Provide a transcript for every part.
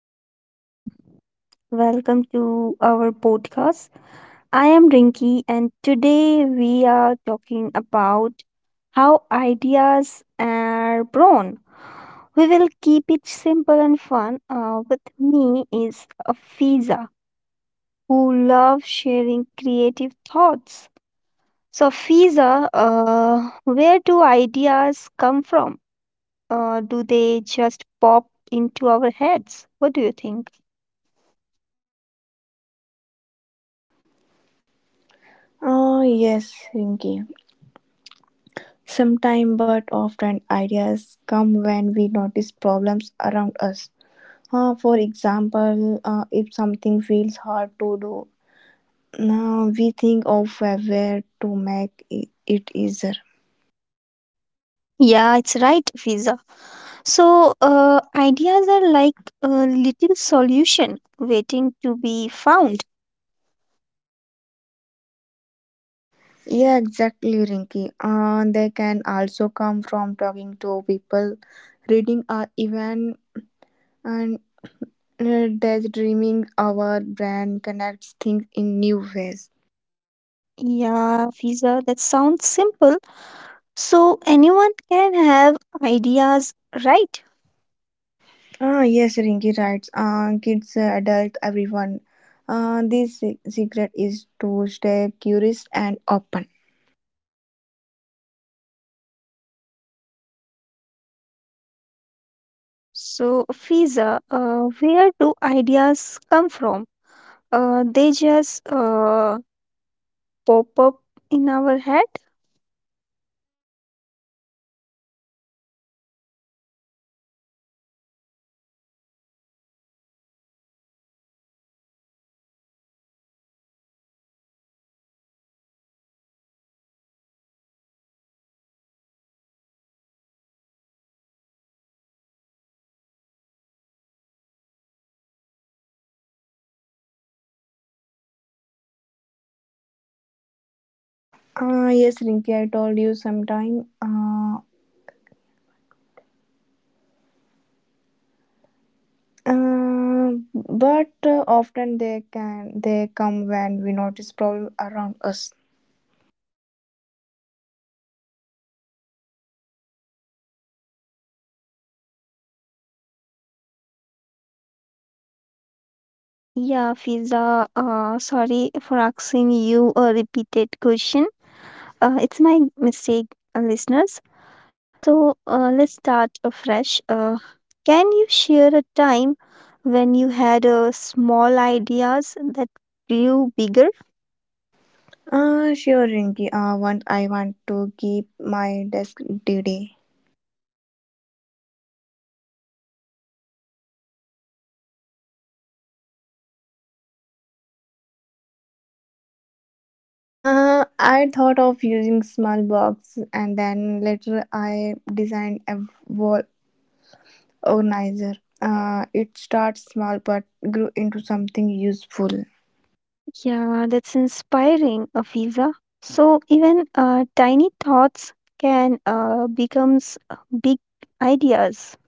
Hello, everyone. Welcome to our podcast. I am Rinki, and today we are talking about how ideas are born. We will keep it simple and fun. With me is Afiza, who loves sharing creative thoughts. So, Fiza, where do ideas come from? Do they just pop into our heads? What do you think? Oh, yes, Rinki. Sometimes, but often, ideas come when we notice problems around us. For example, if something feels hard to do, now we think of a way to make it easier. Yeah, it's right, Fiza. So, ideas are like a little solution waiting to be found. Yeah, exactly, Rinki. They can also come from talking to people, reading, or even and daydreaming. Our brain connects things in new ways. Yeah, Fiza, that sounds simple. So, anyone can have ideas, right? Ah, yes, Rinky writes. Kids, adult, everyone. This secret is to stay curious and open. So, Fiza, where do ideas come from? They just pop up in our head? Yes, Rinky, I told you sometime. But often they come when we notice problem around us. Yeah, Fiza, sorry for asking you a repeated question. It's my mistake, listeners. So let's start afresh. Can you share a time when you had small ideas that grew bigger? Sure, Rinky. Once I want to keep my desk today. I thought of using small box and then later I designed a wall organizer. It starts small but grew into something useful. Yeah, that's inspiring, Afiza. So even tiny thoughts can becomes big ideas.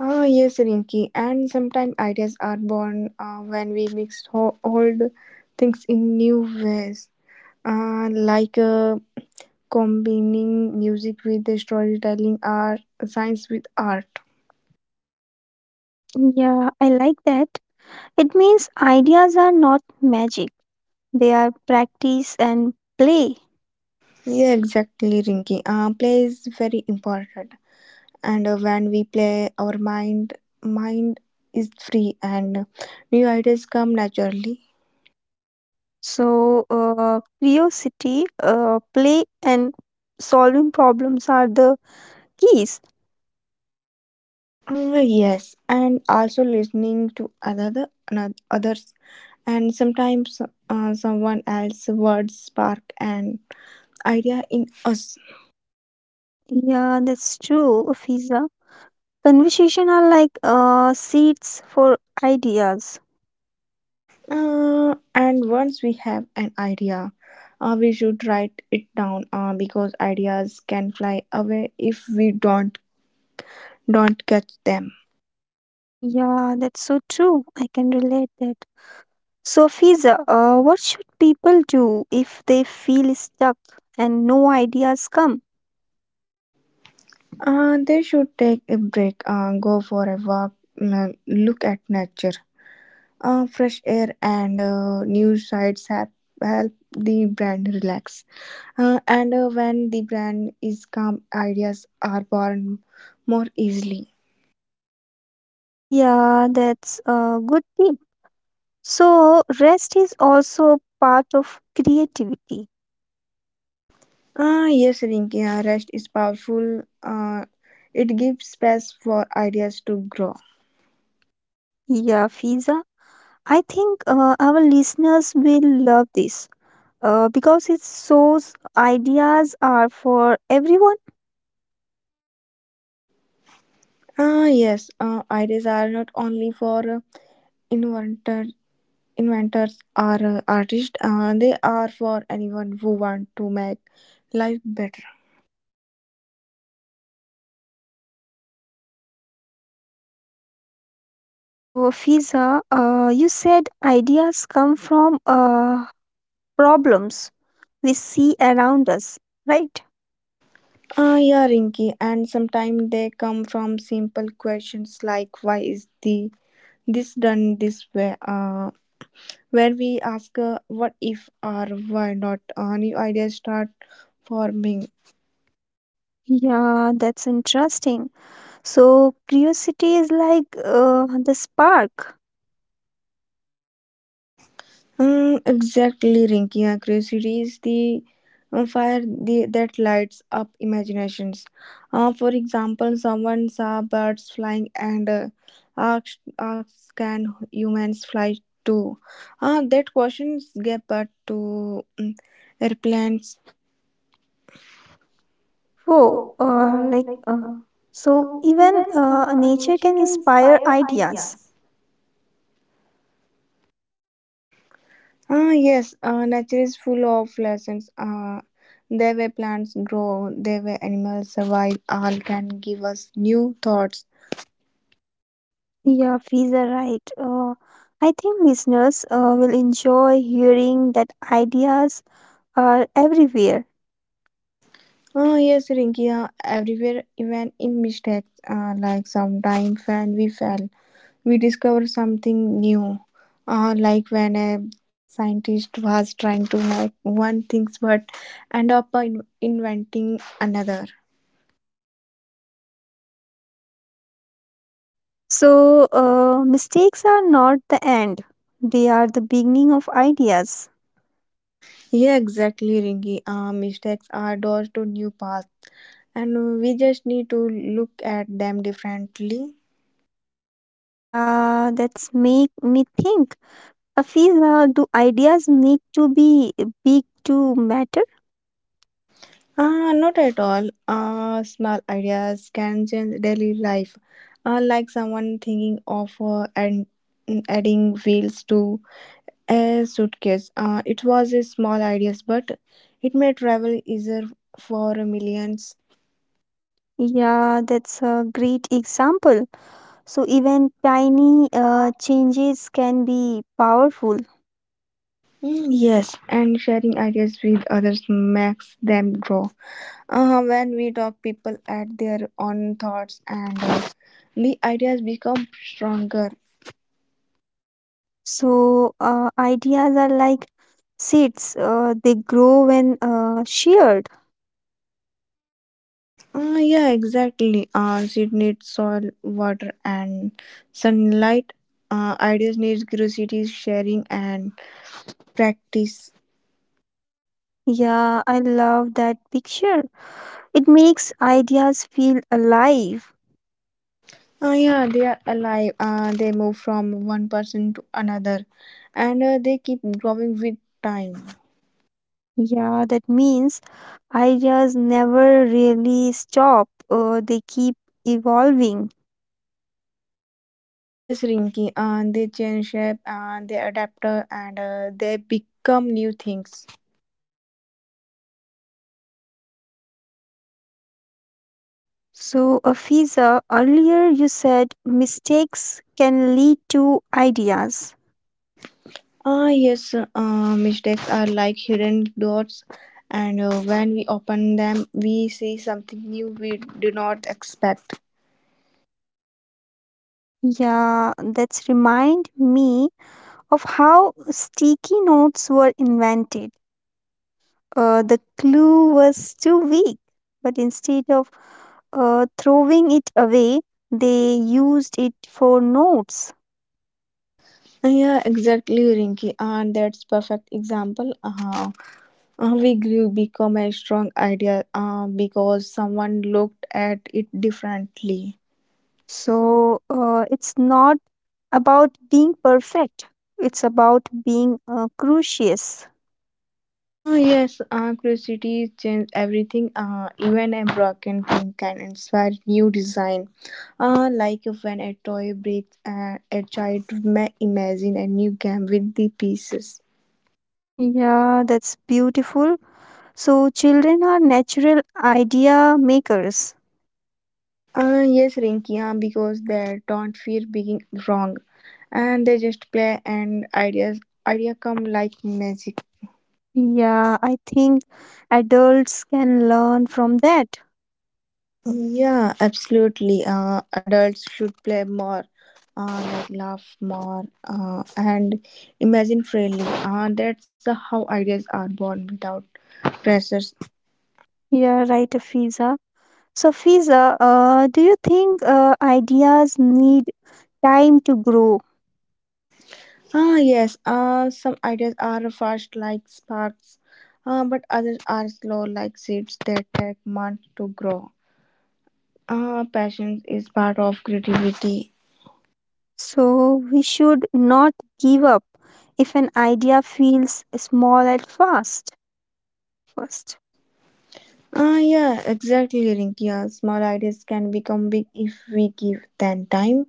Ah, yes, Rinky. And sometimes ideas are born when we mix old things in new ways, like combining music with the storytelling or science with art. Yeah, I like that. It means ideas are not magic. They are practice and play. Yeah, exactly, Rinky. Play is very important, and when we play, our mind is free, and new ideas come naturally. So, curiosity, play, and solving problems are the keys. Mm, yes, and also listening to another, others, and sometimes someone else's words spark an idea in us. Yeah, that's true, Fiza. Conversation are like seeds for ideas. And once we have an idea, we should write it down because ideas can fly away if we don't catch them. Yeah, that's so true. I can relate that. So, Fiza, what should people do if they feel stuck and no ideas come? They should take a break, go for a walk, look at nature. Fresh air and new sights have help the brand relax. And when the brand is calm, ideas are born more easily. Yeah, that's a good tip. So, rest is also part of creativity. Ah, yes, Rinki, rest is powerful. It gives space for ideas to grow. Yeah, Fiza. I think our listeners will love this because it shows ideas are for everyone. Ah, yes, ideas are not only for inventor, inventors or artists, they are for anyone who want to make life better. So, Fiza, you said ideas come from problems we see around us, right? Ah, yeah, Rinky, and sometimes they come from simple questions like why is the this done this way? Where we ask what if or why not? New ideas start forming. Yeah, that's interesting. So, curiosity is like the spark. Mm, exactly, Rinky. Yeah, curiosity is the fire the, that lights up imaginations. For example, someone saw birds flying and asked, "Can humans fly too?" That question gave birth to mm, airplanes. Whoa, so So even even nature nature can can inspire inspire ideas. ideas. Ah, yes, nature is full of lessons. There where plants grow, there where animals survive, all can give us new thoughts. Yeah, Fiza, right. I think listeners will enjoy hearing that ideas are everywhere. Ah, yes, Rinkia, everywhere, even in mistakes, like sometimes when we fell, we discover something new. Like when a scientist was trying to make one thing but end up inventing another. So, mistakes are not the end, they are the beginning of ideas. Yeah, exactly, Rinki. Mistakes are doors to new paths. And we just need to look at them differently. Yeah, that's make me think. Fiza, do ideas need to be big to matter? Not at all. Small ideas can change daily life. Like someone thinking of and adding wheels to a suitcase. It was a small ideas, but it made travel easier for millions. Yeah, that's a great example. So, even tiny changes can be powerful. Mm, yes, and sharing ideas with others makes them grow. When we talk, people add their own thoughts and the ideas become stronger. So, ideas are like seeds, they grow when shared. Yeah, exactly. Seed needs soil, water, and sunlight. Ideas needs curiosity, sharing, and practice. Yeah, I love that picture. It makes ideas feel alive. Yeah, they are alive. They move from one person to another, and they keep growing with time. Yeah, that means ideas never really stop, they keep evolving. Yes, Rinky. They change shape, they adapt, and they become new things. So, Afiza, earlier you said mistakes can lead to ideas. Ah, yes, mistakes are like hidden doors, and when we open them, we see something new we do not expect. Yeah, that's remind me of how sticky notes were invented. The glue was too weak, but instead of throwing it away, they used it for notes. Yeah, exactly, Rinky. And that's perfect example. We grew become a strong idea because someone looked at it differently. So So it's not about being perfect, it's about being curious. oh, yes, curiosity changes everything. Even a broken thing can inspire new design. Like when a toy breaks, a child may imagine a new game with the pieces. Yeah, that's beautiful. So children are natural idea makers. Yes, Rinky, because they don't fear being wrong, and they just play and ideas idea come like magic. Yeah, I think adults can learn from that. Yeah, absolutely. Adults should play more, like laugh more, and imagine freely. That's how ideas are born without pressures. Yeah, right, Fiza. So, Fiza, do you think ideas need time to grow? Ah, yes. Some ideas are fast like sparks, but others are slow like seeds that take months to grow. Passion is part of creativity. So, we should not give up if an idea feels small at first. First, Ah, yeah, exactly, Rinkia. Small ideas can become big if we give them time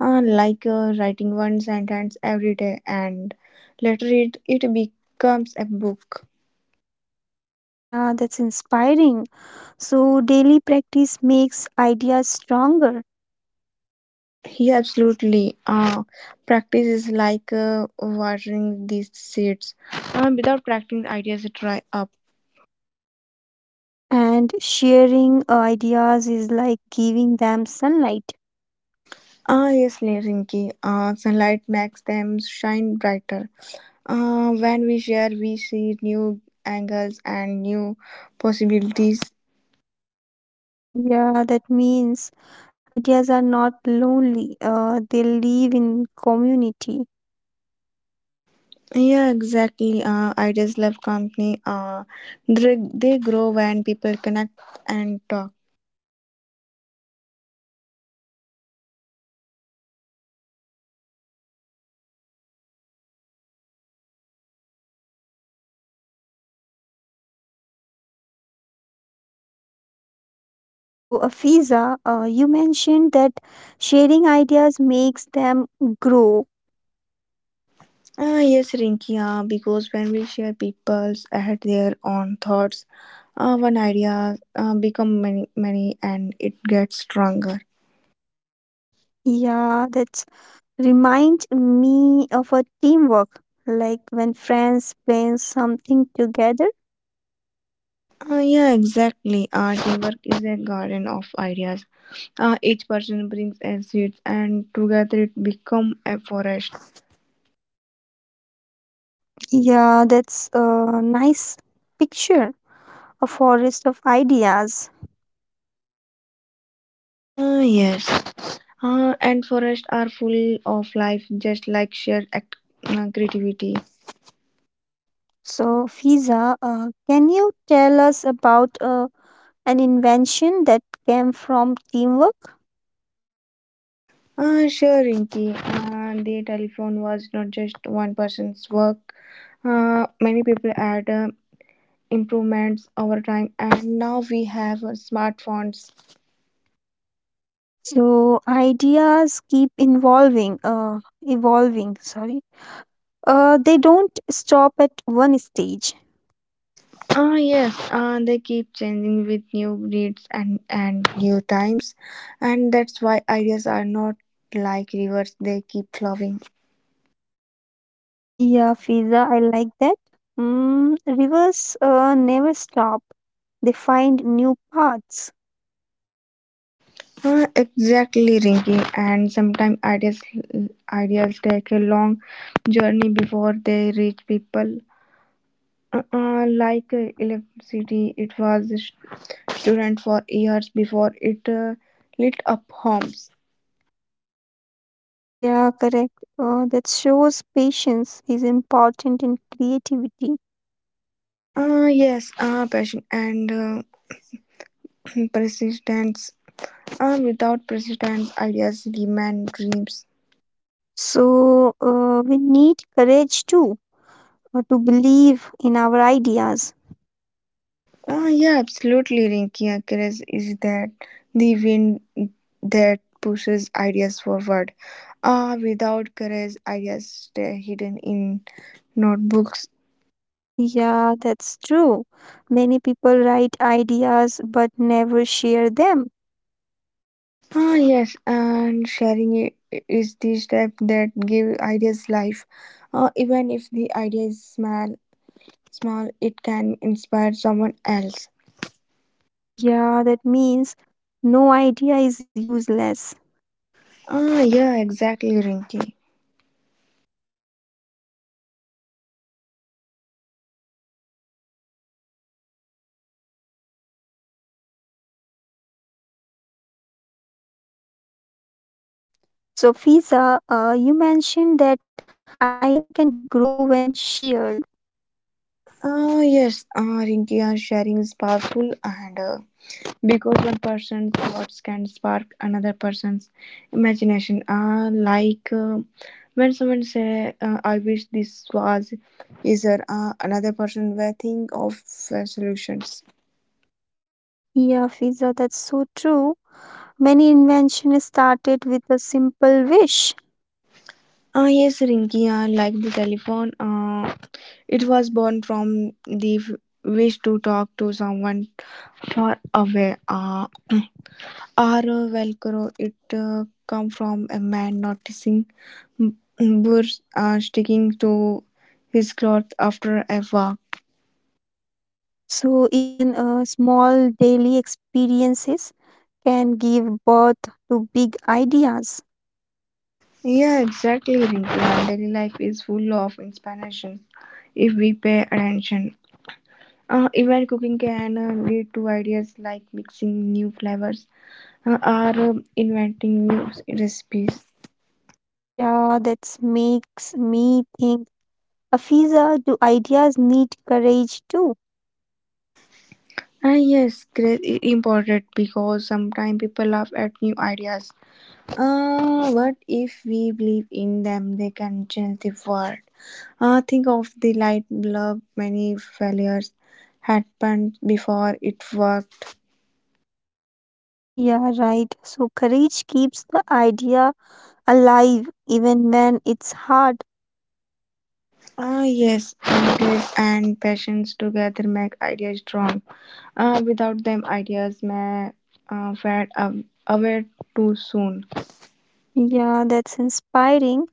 like writing one sentence every day and later it becomes a book. yeah, that's inspiring. So, daily practice makes ideas stronger, Yeah, absolutely. Practice is like watering these seeds. Without practicing, ideas dry up. and sharing ideas is like giving them sunlight. Ah, yes, Rinki. Sunlight makes them shine brighter. When we share, we see new angles and new possibilities. Yeah, that means ideas are not lonely. They live in community. Yeah, exactly. Ideas love company. They grow when people connect and talk. So, Afiza, you mentioned that sharing ideas makes them grow. Ah, yes, Rinky. Because when we share, people's add their own thoughts. One idea become many, many, and it gets stronger. Yeah, that reminds me of a teamwork, like when friends plan something together. Yeah, exactly. Teamwork is a garden of ideas. Each person brings a seed, and together it become a forest. Yeah, that's a nice picture, a forest of ideas. Yes. And forests are full of life, just like shared creativity. So, Fiza, can you tell us about an invention that came from teamwork. Sure, Rinki. The telephone was not just one person's work. Many people had improvements over time, and now we have smartphones. So ideas keep involving, evolving. Sorry, they don't stop at one stage. Ah, yes, they keep changing with new needs and new times, and that's why ideas are not like rivers, they keep flowing. Yeah, Fiza, I like that. Mm, rivers never stop; they find new paths. Exactly, Rinky. And sometimes ideas take a long journey before they reach people. Like electricity, it was a student for years before it lit up homes. Yeah, correct. That shows patience is important in creativity. Yes, passion and persistence. Without persistence, ideas remain dreams. So we need courage too, to believe in our ideas. Yeah, absolutely, Rinky. Craze is that the wind that pushes ideas forward. Ah, without courage, ideas stay hidden in notebooks. Yeah, that's true. Many people write ideas but never share them. Ah, yes, and sharing is the step that give ideas life. Ah, even if the idea is small, it can inspire someone else. Yeah, that means no idea is useless. Ah, yeah, exactly, Rinky. So, Fiza, you mentioned that idea can grow when shared. Ah, yes, ah, Rinky, ah, sharing is powerful and. Because one person's thoughts can spark another person's imagination. Like when someone say, "I wish this was easier," another person will think of solutions. Yeah, Fiza, that's so true. Many inventions started with a simple wish. Ah, yes, Rinki, like the telephone, it was born from the wish to talk to someone far away. Our Velcro, it come from a man noticing b- burrs are sticking to his cloth after a walk. So, even small daily experiences can give birth to big ideas. Yeah, exactly, Rinku. Daily life is full of inspiration if we pay attention. Even cooking can lead to ideas like mixing new flavors or inventing new recipes. Yeah, that makes me think. Afiza, do ideas need courage too? Ah, yes, great important because sometimes people laugh at new ideas. What if we believe in them? They can change the world. Think of the light bulb. Many failures happened before it worked. Yeah, right. So courage keeps the idea alive even when it's hard. Ah, yes, ideas and passions together make ideas strong. Without them, ideas may fade away too soon. Yeah, that's inspiring.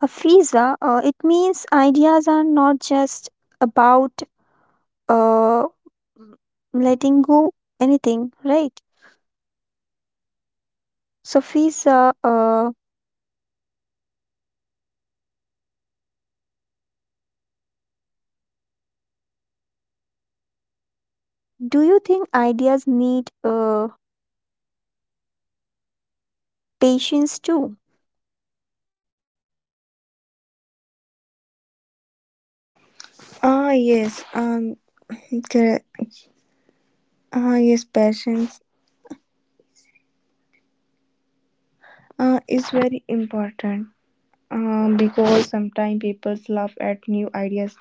Afiza, it means ideas are not just about uh, letting go anything, right? So, Fiza, do you think ideas need patience too? Ah, yes, cor- ah, yes, passions is very important. Because sometimes people laugh at new ideas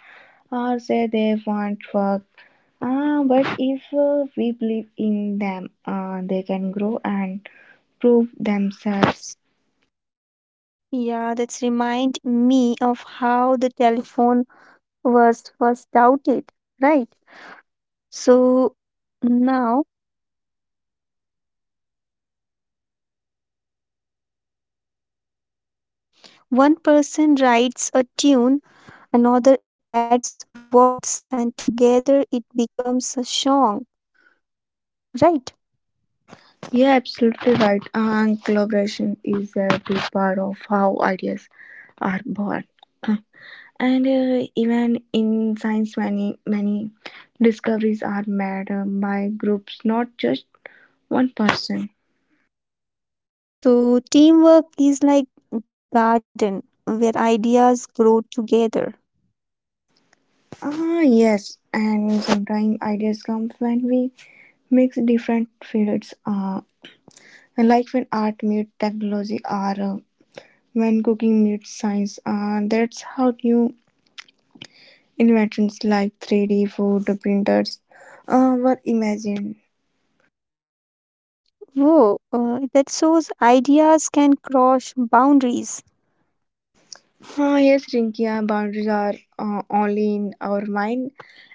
or say they want work. But if we believe in them, they can grow and prove themselves. Yeah, that's remind me of how the telephone was first doubted, right? So now one person writes a tune, another adds words, and together it becomes a song, right? Yeah, absolutely right. And collaboration is a big part of how ideas are born. And even in science, many discoveries are made by groups, not just one person. So teamwork is like garden where ideas grow together. Ah, yes, and sometimes ideas come when we mix different fields, like when art meets technology or when cooking meets science. That's how new inventions like 3D food printers were imagined. Whoa, that shows ideas can cross boundaries. Ah, yes, Rinkia, boundaries are only in our mind,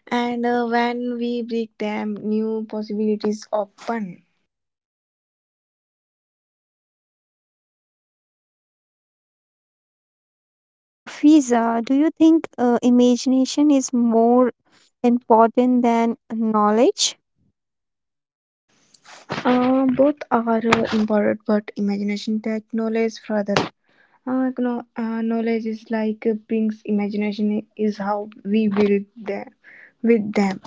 and when we break them, new possibilities open. So, Fiza, do you think imagination is more important than knowledge? Both are important, but imagination takes knowledge further. Knowledge is like Pink's imagination is how we build them with them.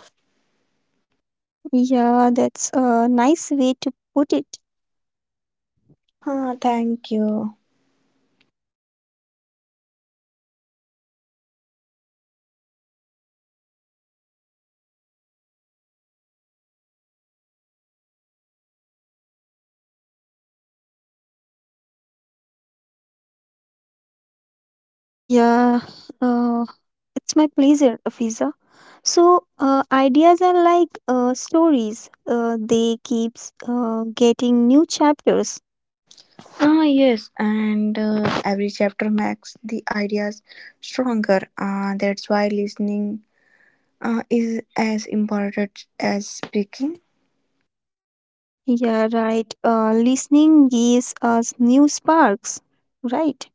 Yeah, that's a nice way to put it. Ah, thank you. Yeah, uh, it's my pleasure, Fiza. So, ideas are like stories, they keeps getting new chapters. Ah, yes, and every chapter makes the ideas stronger. That's why listening is as important as speaking. Yeah, right. Listening gives us new sparks, right?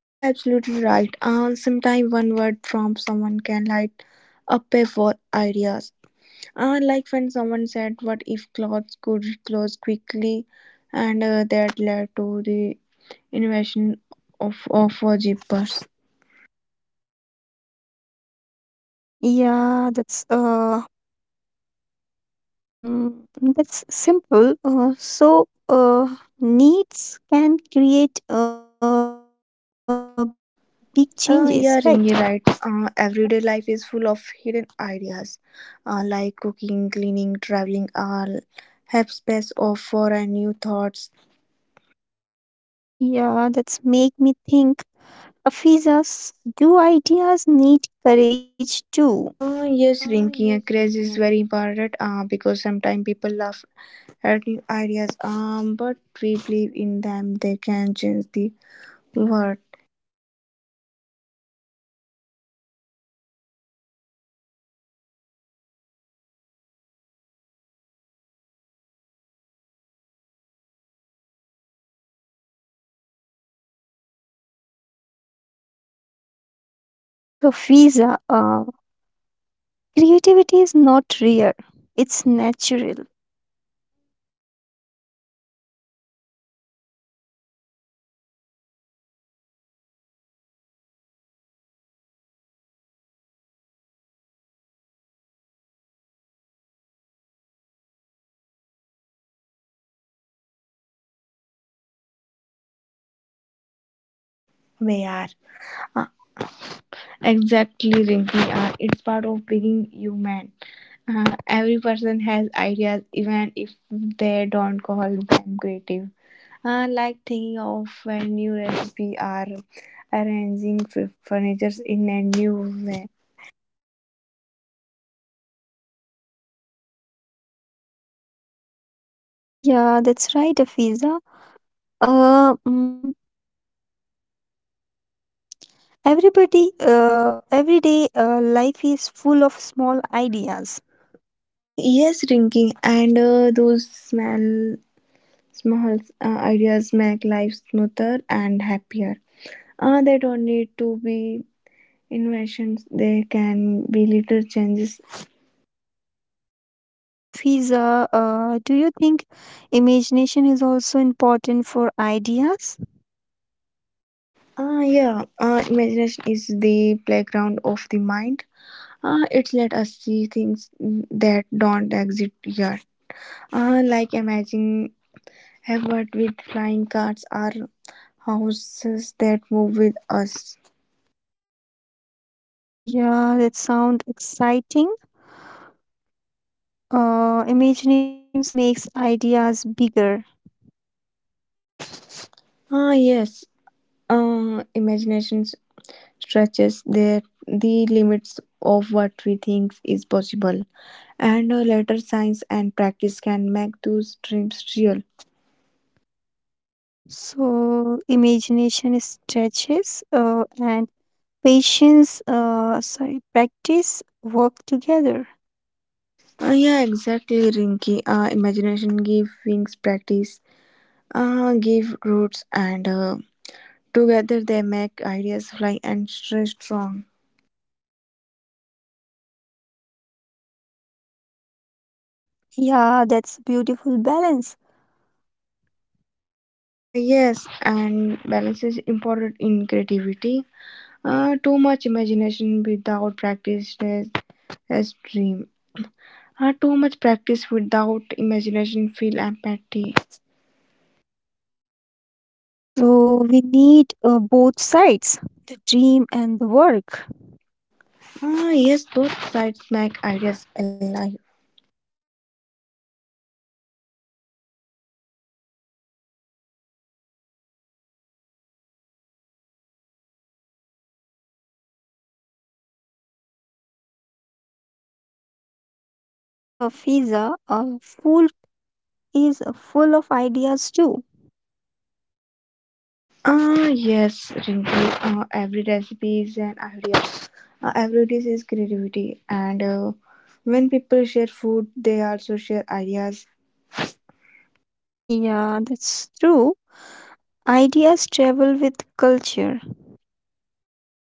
Yeah, absolutely right. Sometimes one word from someone can light up a whole ideas. Like when someone said, "What if clothes could close quickly?" And that led to the invention of zippers. Yeah, that's mm, that's simple. So needs can create big changes, right? Yeah, Ringy right. Everyday life is full of hidden ideas like cooking, cleaning, traveling, all have space of for new thoughts. Yeah, that's make me think. Afizas, do ideas need courage too? Yes, Yes, Rinky, craze Winky. is very important because sometimes people laugh at new ideas, but we believe in them, they can change the world. So, Fiza, creativity is not rare; it's natural. We are uh, exactly Rinki. It's part of being human. Every person has ideas, even if they don't call them creative. Like thinking of a new recipe or arranging furniture in a new way. Yeah, that's right, Afiza. Uh, mm, everybody, everyday life is full of small ideas. Yes, Rinki, and those small ideas make life smoother and happier. They don't need to be inventions, they can be little changes. So, Fiza, do you think imagination is also important for ideas? Ah, yeah. Imagination is the playground of the mind. It's let us see things that don't exist yet. Like imagine heaven with flying cars or houses that move with us. Yeah, that sound exciting. Imaginations makes ideas bigger. Ah, yes. Imagination stretches the limits of what we think is possible, and later science and practice can make those dreams real. So, imagination stretches and patience, practice work together. Yeah, exactly, Rinky. Imagination give wings, practice, give roots, and together they make ideas fly and stay strong. Yeah, that's beautiful balance. Yes, and balance is important in creativity. Too much imagination without practice is as dream. Too much practice without imagination feel empty. So we need both sides, the dream and the work. Ah, yes, both sides make ideas alive. So Fiza, a fool is full of ideas too. Ah, yes, Rinky. Every recipe is an idea. Every dish is creativity, and when people share food, they also share ideas. Yeah, that's true. Ideas travel with culture.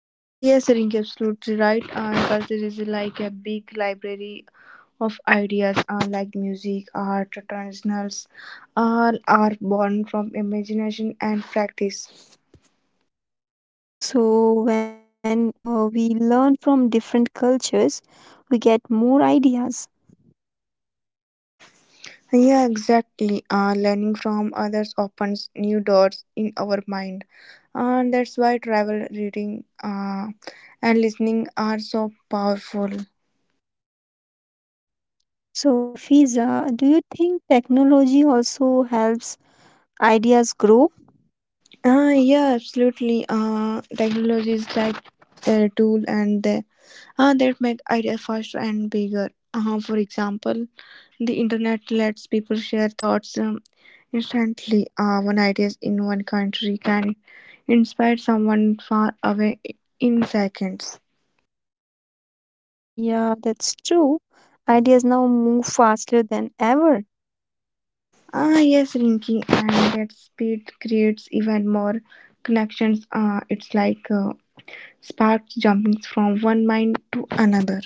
Yes, Rinky, absolutely right. Culture is like a big library of ideas, like music, art, traditionals, all are born from imagination and practice. So when we learn from different cultures, we get more ideas. Yeah, exactly. Learning from others opens new doors in our mind. And that's why travel, reading, and listening are so powerful. So Fiza, do you think technology also helps ideas grow? Yeah, absolutely. Technology is like a tool and that make ideas faster and bigger. For example, the internet lets people share thoughts instantly. One ideas in one country can inspire someone far away in seconds. Yeah, that's true. Ideas now move faster than ever. Ah, yes, Rinky, and that speed creates even more connections. It's like sparks jumping from one mind to another.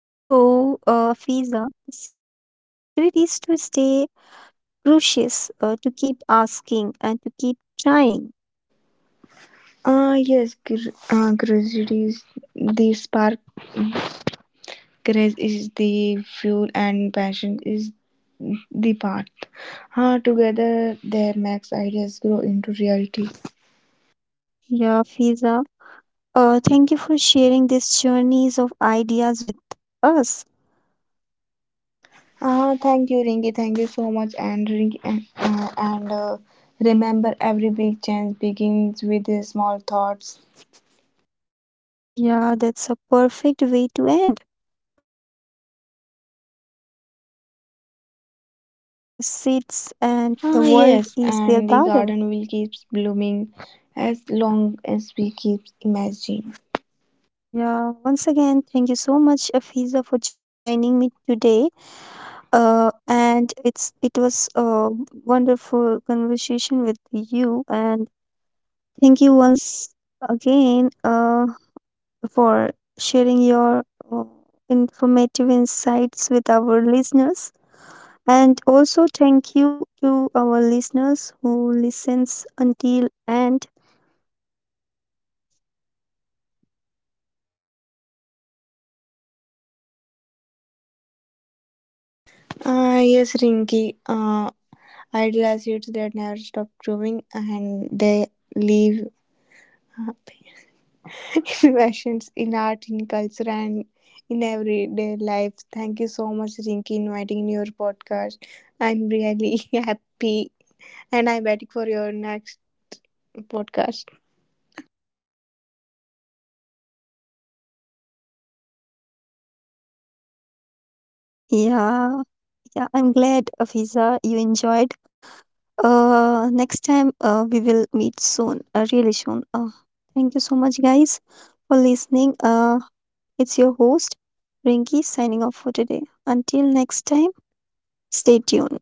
So, Fiza, the secret is to stay curious, to keep asking, and to keep trying. Ah, yes, grace is the spark, grace is the fuel, and passion is the path. Ah, together they makes ideas grow into reality. Yeah, Fiza. Thank you for sharing these journeys of ideas with us. Ah, thank you, Rinky. Thank you so much, and Rinky, and remember, every big change begins with the small thoughts. Yeah, that's a perfect way to end. Ideas are seeds, and the world is their garden. Ah, yes, and the garden will keep blooming as long as we keep imagining. Yeah, once again, thank you so much, Afiza, for joining me today. And it was a wonderful conversation with you, and thank you once again for sharing your uh, informative insights with our listeners. And also thank you to our listeners who listens until and Ah, yes, Rinky. Ideal acids that never stop growing and they leave uh, impressions in art, in culture, and in everyday life. Thank you so much, Rinky, inviting your podcast. I'm really happy and I'm waiting for your next podcast. yeah yeah, I'm glad Afiza you enjoyed. Next time we will meet soon, really soon. Thank you so much, guys, for listening. It's your host, Rinky, signing off for today. Until next time, stay tuned.